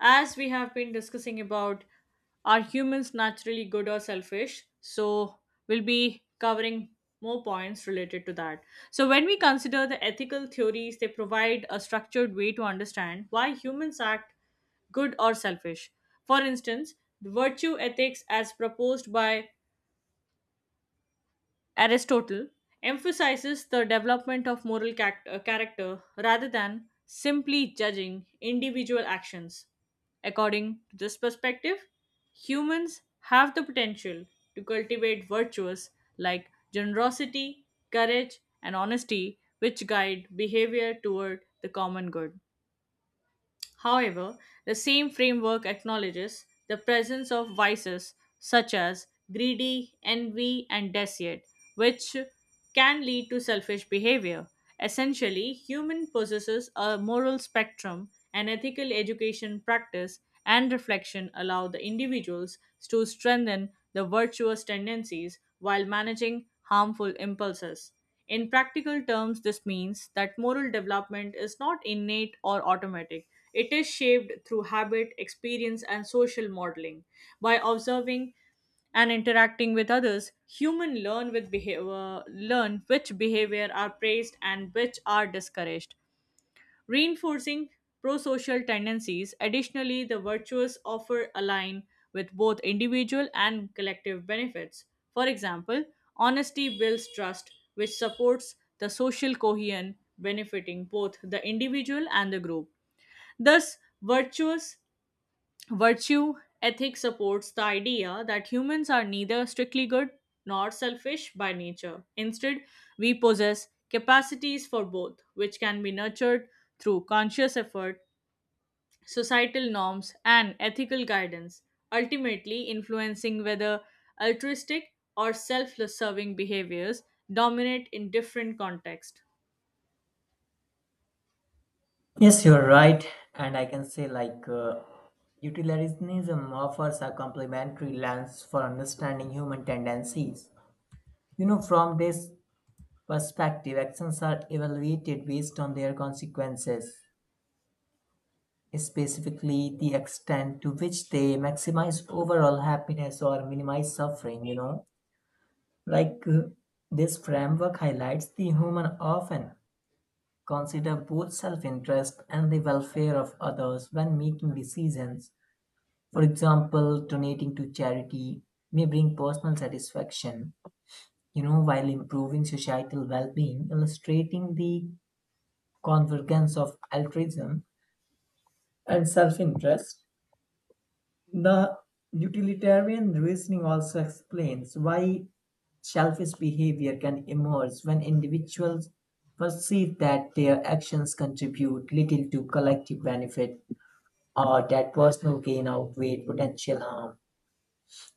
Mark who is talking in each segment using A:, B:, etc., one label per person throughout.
A: As we have been discussing about are humans naturally good or selfish? So, we'll be covering more points related to that. So, when we consider the ethical theories, they provide a structured way to understand why humans act good or selfish. For instance, the virtue ethics, as proposed by Aristotle, emphasizes the development of moral character rather than simply judging individual actions. According to this perspective, humans have the potential to cultivate virtues like generosity, courage, and honesty, which guide behavior toward the common good. However, the same framework acknowledges the presence of vices such as greedy, envy, and deceit, which can lead to selfish behavior. Essentially, human possesses a moral spectrum, and ethical education practice and reflection allow the individuals to strengthen the virtuous tendencies while managing harmful impulses. In practical terms, this means that moral development is not innate or automatic. It is shaped through habit, experience, and social modeling. By observing and interacting with others, humans learn which behavior are praised and which are discouraged, reinforcing pro-social tendencies. Additionally, the virtues offer align with both individual and collective benefits. For example, honesty builds trust, which supports the social cohesion, benefiting both the individual and the group. Thus, virtuous virtue ethic supports the idea that humans are neither strictly good nor selfish by nature. Instead, we possess capacities for both, which can be nurtured through conscious effort, societal norms, and ethical guidance, ultimately influencing whether altruistic or self serving behaviors dominate in different contexts.
B: Yes, you're right. And I can say, utilitarianism offers a complementary lens for understanding human tendencies. From this perspective, actions are evaluated based on their consequences, specifically the extent to which they maximize overall happiness or minimize suffering. Like, uh, this framework highlights the human often consider both self interest and the welfare of others when making decisions. For example, donating to charity may bring personal satisfaction, while improving societal well being, illustrating the convergence of altruism and self interest. The utilitarian reasoning also explains why selfish behavior can emerge when individuals perceive that their actions contribute little to collective benefit or that personal gain outweighs potential harm.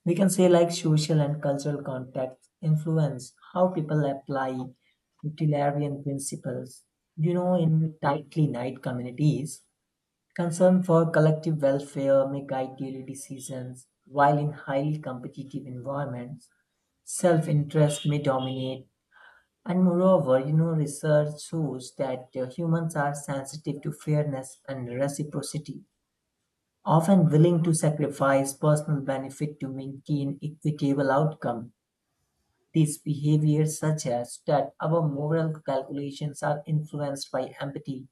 B: We can say like social and cultural context influence how people apply utilitarian principles. In tightly knit communities, concern for collective welfare may guide daily decisions, while in highly competitive environments, self-interest may dominate. And moreover, research shows that humans are sensitive to fairness and reciprocity, often willing to sacrifice personal benefit to maintain equitable outcome. These behaviors suggest that our moral calculations are influenced by empathy,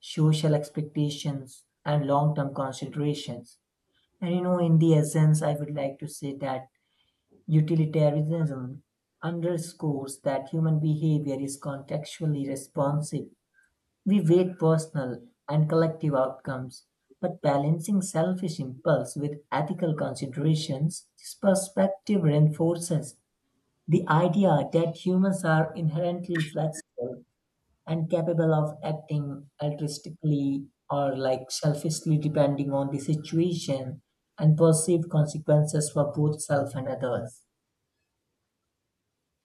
B: social expectations, and long term considerations. And in the essence, I would like to say that utilitarianism underscores that human behavior is contextually responsive. We weigh personal and collective outcomes, but balancing selfish impulse with ethical considerations, this perspective reinforces the idea that humans are inherently flexible and capable of acting altruistically or like selfishly depending on the situation and perceived consequences for both self and others.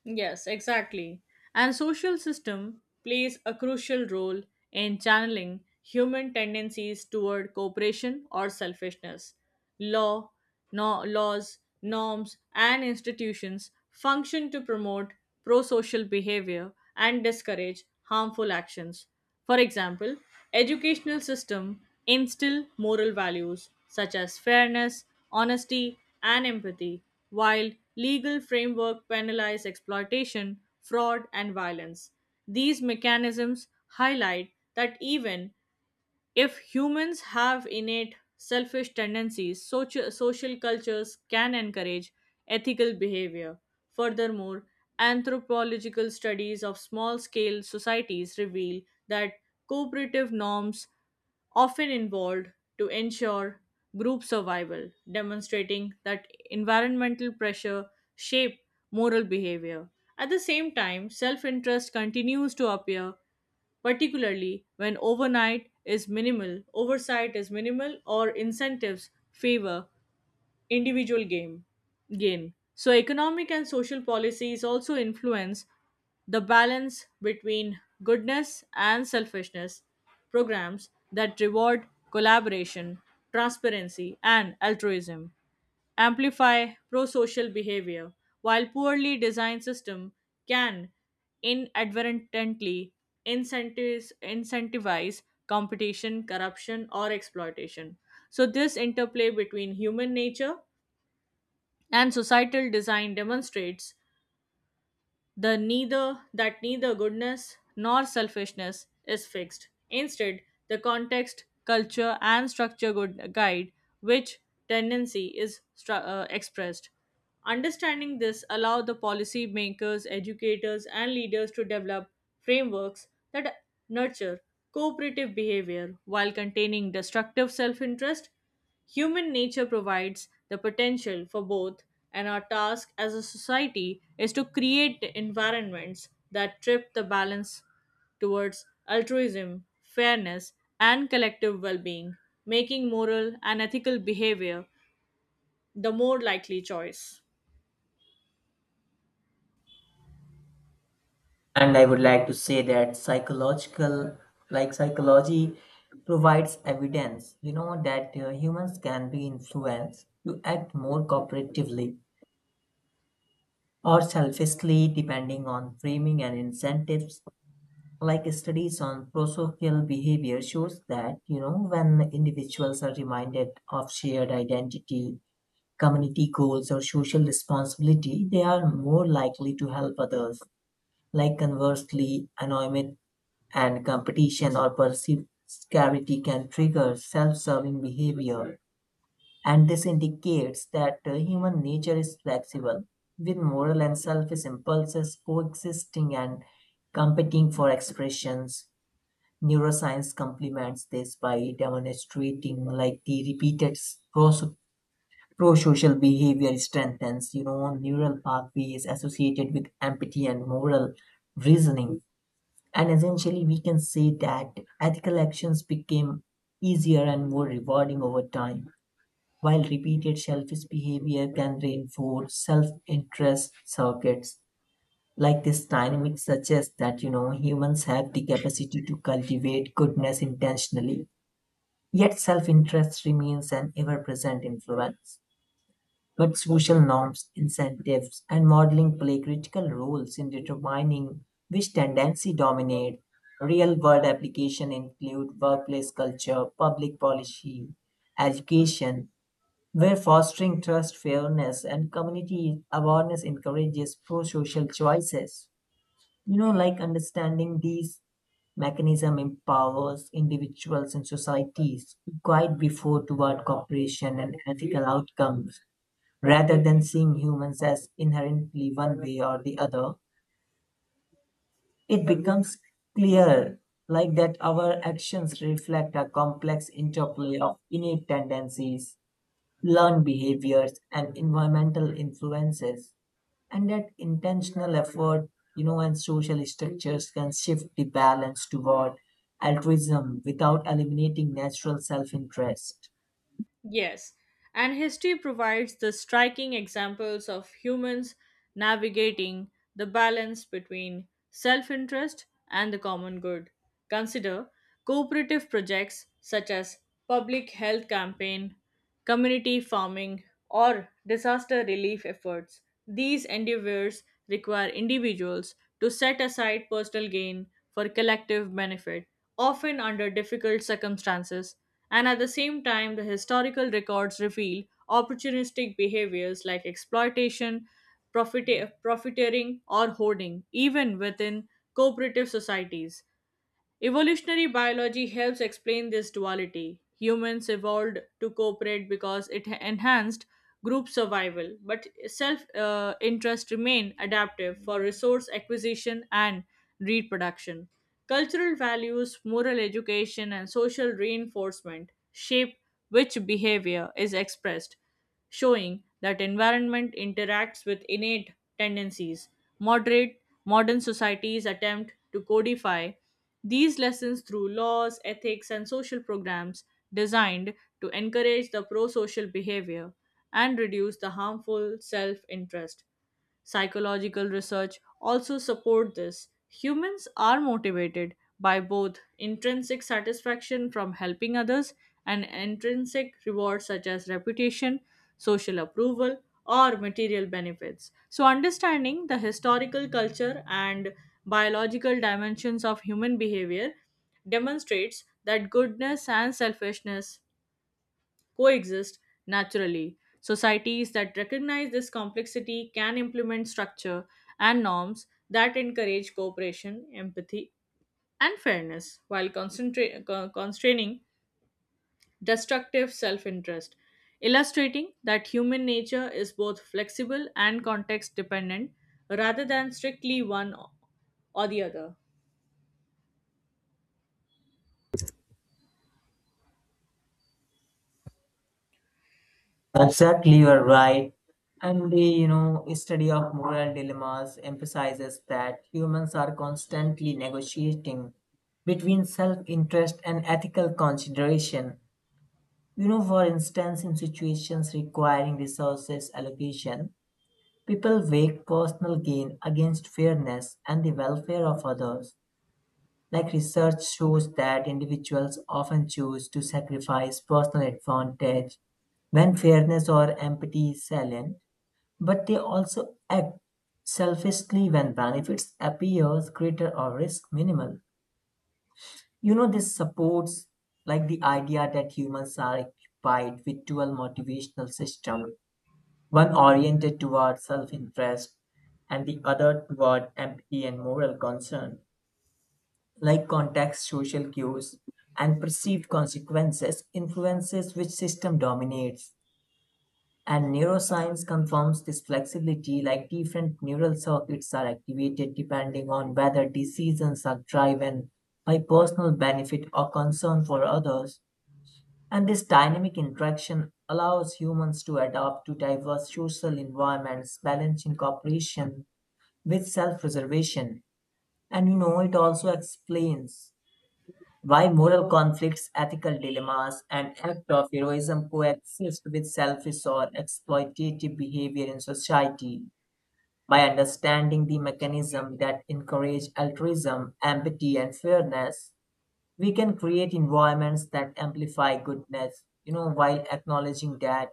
A: Yes, exactly. And social system plays a crucial role in channeling human tendencies toward cooperation or selfishness. Law, no, Laws, norms, and institutions function to promote pro-social behavior and discourage harmful actions. For example, educational system instill moral values such as fairness, honesty, and empathy, while legal framework penalize exploitation, fraud, and violence. These mechanisms highlight that even if humans have innate selfish tendencies, social cultures can encourage ethical behavior. Furthermore, anthropological studies of small scale societies reveal that cooperative norms often involved to ensure group survival, demonstrating that environmental pressure shape moral behavior. At the same time, self interest continues to appear particularly when oversight is minimal, or incentives favor individual game gain. So economic and social policies also influence the balance between goodness and selfishness. Programs that reward collaboration, transparency, and altruism amplify pro-social behavior, while poorly designed system can inadvertently incentivize competition, corruption, or exploitation. So this interplay between human nature and societal design demonstrates the neither that neither goodness nor selfishness is fixed. Instead, the context, culture, and structure good guide which tendency is expressed. Understanding this allow the policy makers, educators, and leaders to develop frameworks that nurture cooperative behavior while containing destructive self-interest. Human nature provides the potential for both, and our task as a society is to create environments that trip the balance towards altruism, fairness, and collective well being, making moral and ethical behavior the more likely choice.
B: And I would like to say that psychological, like psychology provides evidence, that humans can be influenced to act more cooperatively or selfishly depending on framing and incentives, like studies on prosocial behavior shows that when individuals are reminded of shared identity, community goals, or social responsibility, they are more likely to help others. Like, conversely, anonymity and competition or perceived scarcity can trigger self-serving behavior, and this indicates that human nature is flexible, with moral and selfish impulses coexisting and competing for expressions. Neuroscience complements this by demonstrating like the pro-social behavior strengthens, neural pathways associated with empathy and moral reasoning. And essentially, we can say that ethical actions became easier and more rewarding over time, while repeated selfish behavior can reinforce self-interest circuits. Like, this dynamic suggests that humans have the capacity to cultivate goodness intentionally. Yet self-interest remains an ever-present influence, but social norms, incentives, and modeling play critical roles in determining which tendency dominate. Real-world application include workplace culture, public policy, education, where fostering trust, fairness, and community awareness encourages pro-social choices. Understanding these mechanism empowers individuals and societies to guide before toward cooperation and ethical outcomes. Rather than seeing humans as inherently one way or the other, it becomes clear like that our actions reflect a complex interplay of innate tendencies, learned behaviors, and environmental influences. And that intentional effort, and social structures can shift the balance toward altruism without eliminating natural self interest.
A: Yes, and history provides the striking examples of humans navigating the balance between self interest and the common good. Consider cooperative projects such as public health campaign, community farming, or disaster relief efforts. These endeavors require individuals to set aside personal gain for collective benefit, often under difficult circumstances, and at the same time, the historical records reveal opportunistic behaviors like exploitation, profiteering, or hoarding, even within cooperative societies. Evolutionary biology helps explain this duality. Humans evolved to cooperate because it enhanced group survival, but self interest remained adaptive for resource acquisition and reproduction. Cultural values, moral education, and social reinforcement shape which behavior is expressed, showing that environment interacts with innate tendencies. Moderate Modern societies attempt to codify these lessons through laws, ethics, and social programs designed to encourage the pro social behavior and reduce the harmful self interest. Psychological research also support this. Humans are motivated by both intrinsic satisfaction from helping others and intrinsic rewards such as reputation, social approval, or material benefits. So, understanding the historical, culture, and biological dimensions of human behavior demonstrates that goodness and selfishness coexist naturally. Societies that recognize this complexity can implement structure and norms that encourage cooperation, empathy, and fairness while constraining destructive self interest, illustrating that human nature is both flexible and context dependent rather than strictly one or the other.
B: Exactly, you are right. And the study of moral dilemmas emphasizes that humans are constantly negotiating between self-interest and ethical consideration. For instance, in situations requiring resources allocation, people weigh personal gain against fairness and the welfare of others. Like, research shows that individuals often choose to sacrifice personal advantage when fairness or empathy is silent, but they also act selfishly when benefits appears greater or risk minimal. This supports like the idea that humans are occupied with dual motivational system, one oriented toward self-interest and the other toward empathy and moral concern. Like, context, social cues, and perceived consequences influences which system dominates. And neuroscience confirms this flexibility, like different neural circuits are activated depending on whether decisions are driven by personal benefit or concern for others. And this dynamic interaction allows humans to adapt to diverse social environments, balancing cooperation with self preservation. And it also explains why moral conflicts, ethical dilemmas, and acts of heroism coexist with selfish or exploitative behavior in society. By understanding the mechanism that encourage altruism, empathy, and fairness, we can create environments that amplify goodness, while acknowledging that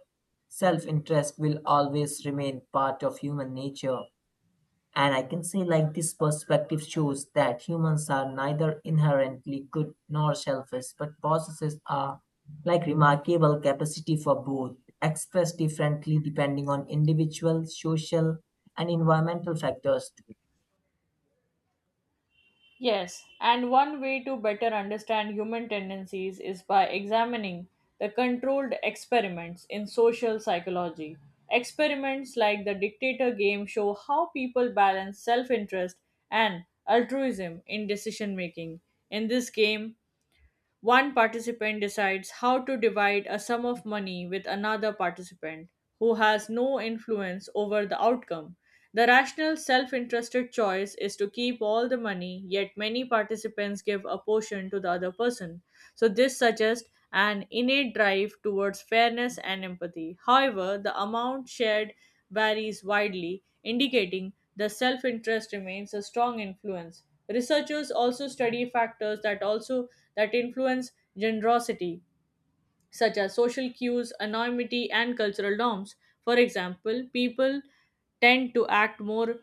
B: self interest will always remain part of human nature. And I can say, like, this perspective shows that humans are neither inherently good nor selfish, but possesses a like remarkable capacity for both, expressed differently depending on individual, social, and environmental factors.
A: Yes, and one way to better understand human tendencies is by examining the controlled experiments in social psychology. Experiments like the dictator game show how people balance self interest and altruism in decision making. In this game, one participant decides how to divide a sum of money with another participant who has no influence over the outcome. The rational, self interested choice is to keep all the money, yet, many participants give a portion to the other person. So, this suggests an innate drive towards fairness and empathy. However, the amount shared varies widely, indicating the self interest remains a strong influence. Researchers also study factors that influence generosity, such as social cues, anonymity, and cultural norms. For example, people tend to act more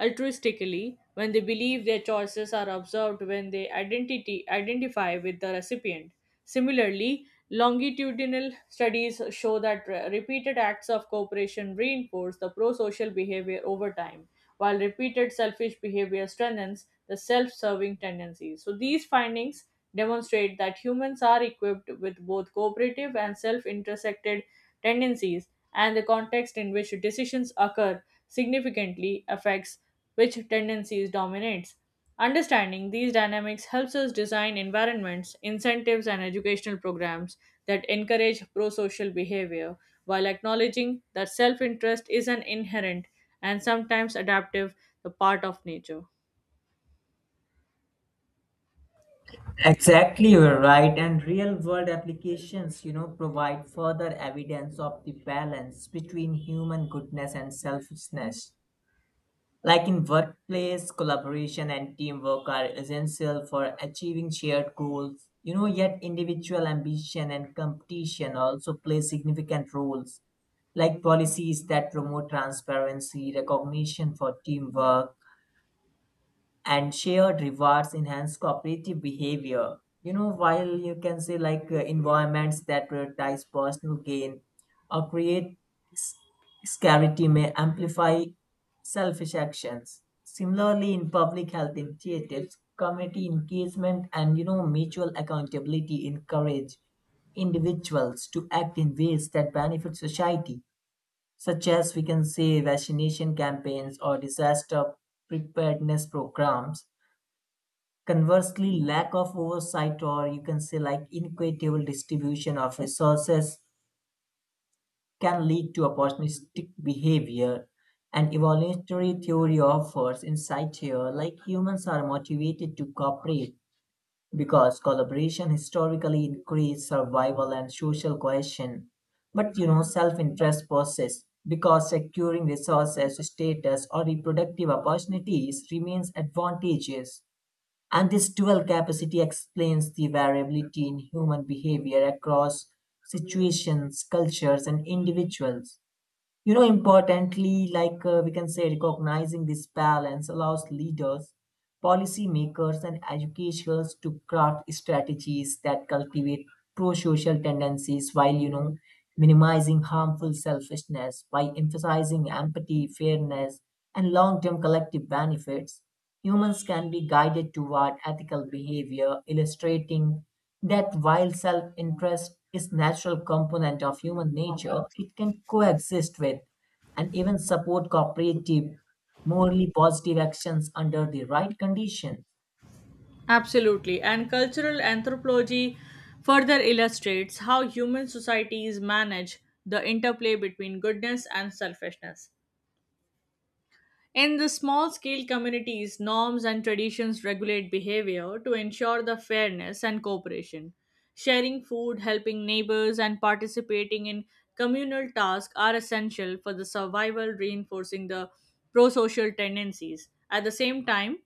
A: altruistically when they believe their choices are observed, when they identity identify with the recipient. Similarly, longitudinal studies show that repeated acts of cooperation reinforce the pro-social behavior over time, while repeated selfish behavior strengthens the self-serving tendencies. So these findings demonstrate that humans are equipped with both cooperative and self intersected tendencies, and the context in which decisions occur significantly affects which tendencies dominates. Understanding these dynamics helps us design environments, incentives, and educational programs that encourage pro social behavior while acknowledging that self interest is an inherent and sometimes adaptive part of nature.
B: Exactly, you're right. And real world applications, provide further evidence of the balance between human goodness and selfishness. Like in workplace, collaboration and teamwork are essential for achieving shared goals. Yet individual ambition and competition also play significant roles. Like, policies that promote transparency, recognition for teamwork, and shared rewards enhance cooperative behavior. While you can say environments that prioritize personal gain or create s- scarcity may amplify selfish actions. Similarly, in public health initiatives, community engagement and mutual accountability encourage individuals to act in ways that benefit society, such as we can say vaccination campaigns or disaster preparedness programs. Conversely, lack of oversight or you can say like inequitable distribution of resources can lead to opportunistic behavior. And evolutionary theory offers insight here, like humans are motivated to cooperate because collaboration historically increased survival and social cohesion. But self interest persists because securing resources, status, or reproductive opportunities remains advantageous. And this dual capacity explains the variability in human behavior across situations, cultures, and individuals. You know, importantly, like we can say, recognizing this balance allows leaders, policymakers, and educators to craft strategies that cultivate pro-social tendencies while, minimizing harmful selfishness by emphasizing empathy, fairness, and long-term collective benefits. Humans can be guided toward ethical behavior, illustrating that while self interest is natural component of human nature, it can coexist with and even support cooperative, morally positive actions under the right conditions.
A: Absolutely. And cultural anthropology further illustrates how human societies manage the interplay between goodness and selfishness. In the small scale communities, norms and traditions regulate behavior to ensure the fairness and cooperation. Sharing food, helping neighbors, and participating in communal tasks are essential for the survival, reinforcing the pro social tendencies. At the same time,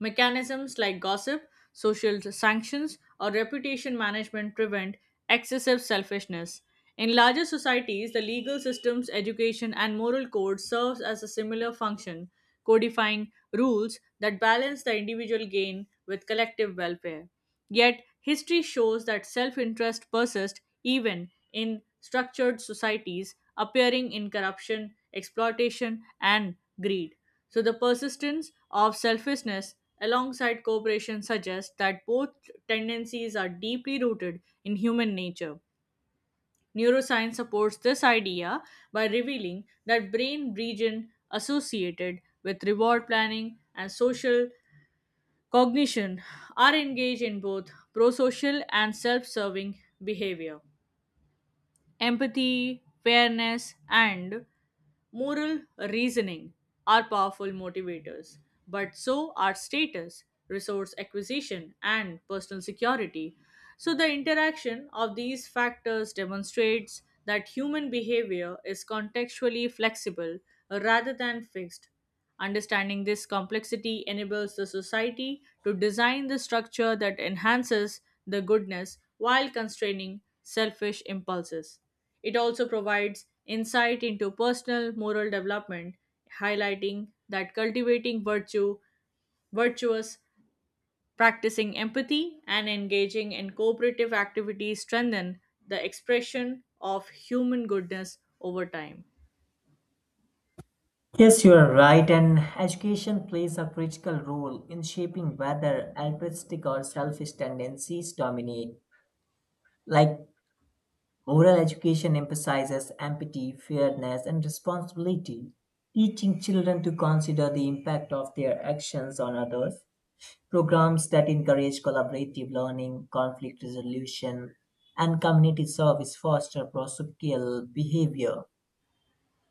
A: mechanisms like gossip, social sanctions, or reputation management prevent excessive selfishness. In larger societies, the legal systems, education, and moral code serves as a similar function, codifying rules that balance the individual gain with collective welfare. Yet, history shows that self-interest persists even in structured societies, appearing in corruption, exploitation, and greed. So the persistence of selfishness alongside cooperation suggests that both tendencies are deeply rooted in human nature. Neuroscience supports this idea by revealing that brain region associated with reward planning and social cognition are engaged in both prosocial and self-serving behavior. Empathy, fairness, and moral reasoning are powerful motivators, but so are status, resource acquisition, and personal security. So, the interaction of these factors demonstrates that human behavior is contextually flexible rather than fixed. Understanding this complexity enables the society to design the structure that enhances the goodness while constraining selfish impulses. It also provides insight into personal moral development, highlighting that virtuous, practicing empathy, and engaging in cooperative activities strengthen the expression of human goodness over time.
B: Yes, you are right, and education plays a critical role in shaping whether altruistic or selfish tendencies dominate. Like, moral education emphasizes empathy, fairness, and responsibility, teaching children to consider the impact of their actions on others. Programs that encourage collaborative learning, conflict resolution, and community service foster prosocial behavior.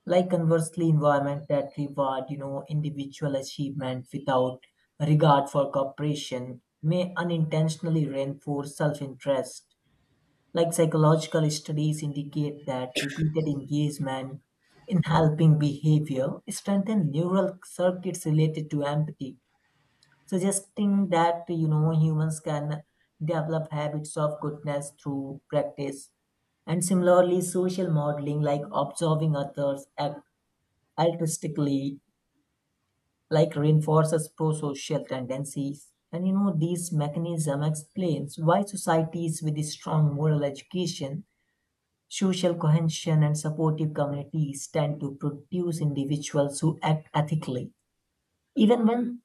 B: Like, conversely, environment that reward individual achievement without regard for cooperation may unintentionally reinforce self-interest. Like, psychological studies indicate that repeated engagement in helping behavior strengthen neural circuits related to empathy, suggesting that humans can develop habits of goodness through practice. And similarly, social modeling, like observing others act altruistically, like reinforces pro-social tendencies. And these mechanism explains why societies with a strong moral education, social cohesion, and supportive communities tend to produce individuals who act ethically even when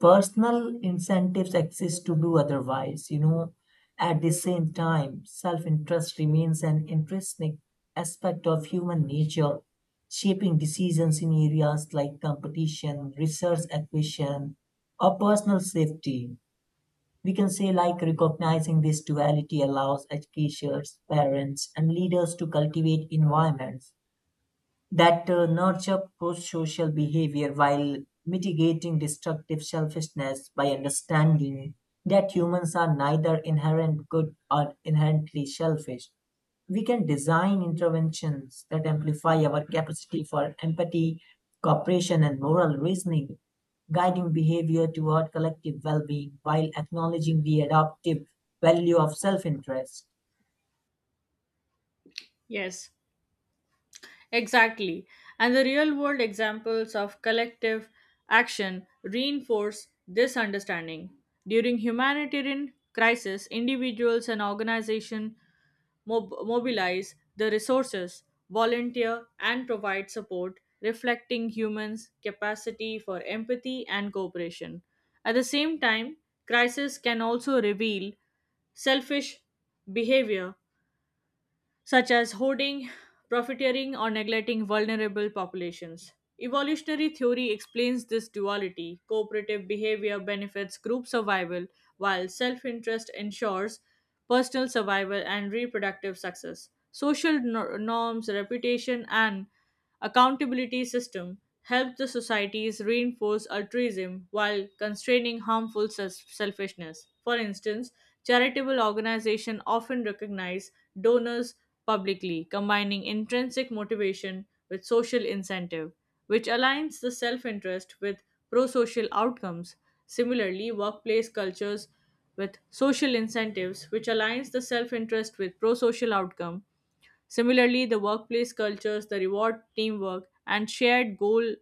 B: personal incentives exist to do otherwise. At the same time, self-interest remains an intrinsic aspect of human nature, shaping decisions in areas like competition, research acquisition, or personal safety. We can say like recognizing this duality allows educators, parents, and leaders to cultivate environments that nurture pro-social behavior while mitigating destructive selfishness. By understanding that humans are neither inherent good or inherently selfish, we can design interventions that amplify our capacity for empathy, cooperation, and moral reasoning, guiding behavior toward collective well being while acknowledging the adaptive value of self interest.
A: Yes, exactly. And the real world examples of collective action reinforce this understanding. During humanitarian crisis, individuals and organizations mobilize the resources, volunteer, and provide support, reflecting humans' capacity for empathy and cooperation. At the same time, crisis can also reveal selfish behavior such as hoarding, profiteering, or neglecting vulnerable populations. Evolutionary theory explains this duality. Cooperative behavior benefits group survival, while self interest ensures personal survival and reproductive success. Social nor- norms, reputation, and accountability system helps the societies reinforce altruism while constraining harmful selfishness. For instance, charitable organizations often recognize donors publicly, combining intrinsic motivation with social incentive, which aligns the self-interest with pro-social outcomes. Similarly, workplace cultures with social incentives, which aligns the self interest with pro social outcome, Similarly, the workplace cultures, the reward teamwork, and shared goal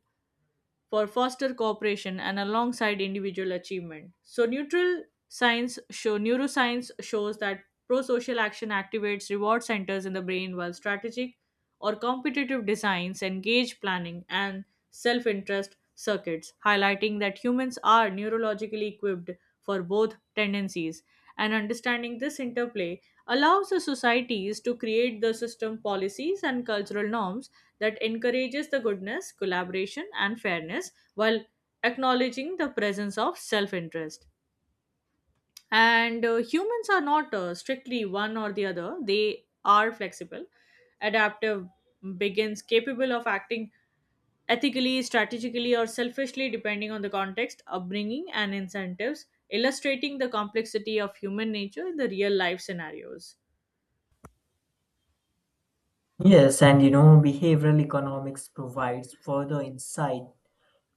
A: for foster cooperation and alongside individual achievement. So neutral science show neuroscience shows that prosocial action activates reward centers in the brain while strategic or competitive designs engage planning and self-interest circuits, highlighting that humans are neurologically equipped for both tendencies. And understanding this interplay allows the societies to create the system policies and cultural norms that encourages the goodness, collaboration, and fairness while acknowledging the presence of self interest. And humans are not strictly one or the other, they are flexible. Adaptive begins capable of acting ethically, strategically, or selfishly, depending on the context, upbringing, and incentives, illustrating the complexity of human nature in the real life scenarios.
B: Yes, and behavioral economics provides further insight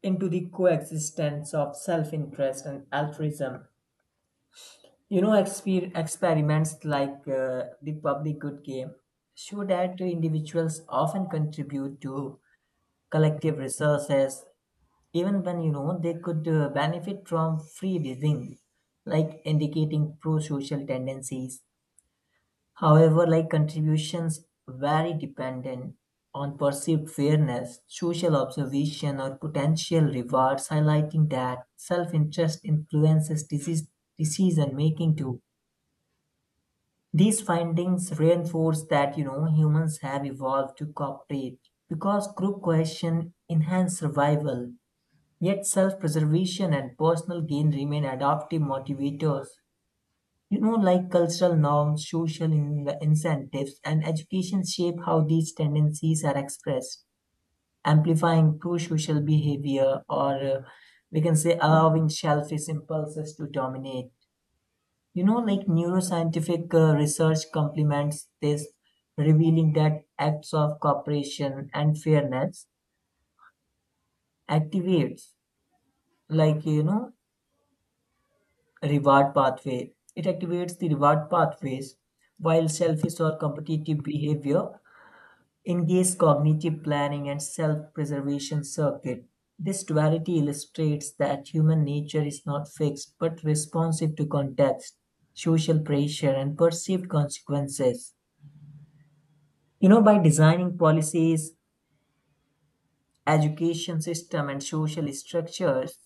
B: into the coexistence of self-interest and altruism. Experiments the public good game show that individuals often contribute to collective resources, even when they could benefit from free living, like indicating pro-social tendencies. However, like, contributions vary dependent on perceived fairness, social observation, or potential rewards, highlighting that self-interest influences decision-making too. These findings reinforce that humans have evolved to cooperate because group cohesion enhances survival. Yet self-preservation and personal gain remain adaptive motivators. Cultural norms, social incentives, and education shape how these tendencies are expressed, amplifying pro social behavior or we can say allowing selfish impulses to dominate. Neuroscientific research complements this, revealing that acts of cooperation and fairness activates, like, you know, reward pathway. It activates the reward pathways while selfish or competitive behavior engage cognitive planning and self-preservation circuit. This duality illustrates that human nature is not fixed but responsive to context, social pressure, and perceived consequences. By designing policies, education system, and social structures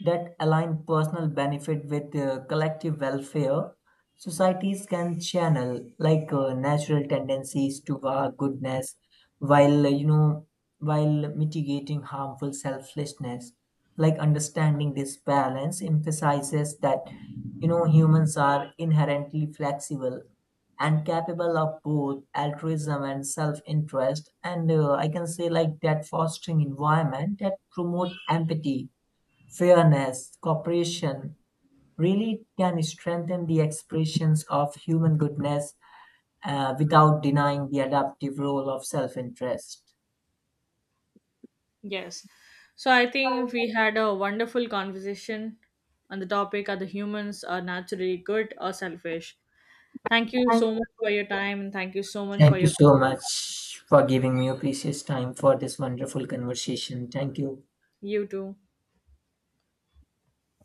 B: that align personal benefit with collective welfare, societies can channel natural tendencies to goodness while mitigating harmful selflessness. Like, understanding this balance emphasizes that humans are inherently flexible and capable of both altruism and self-interest. And I can say like that fostering environment that promote empathy, fairness, cooperation really can strengthen the expressions of human goodness without denying the adaptive role of self interest.
A: Yes. So I think we had a wonderful conversation on the topic are the humans are naturally good or selfish. Thank you so much for your time and thank you so much for
B: Thank you
A: your.
B: so much for giving me your precious time for this wonderful conversation. Thank you.
A: You too.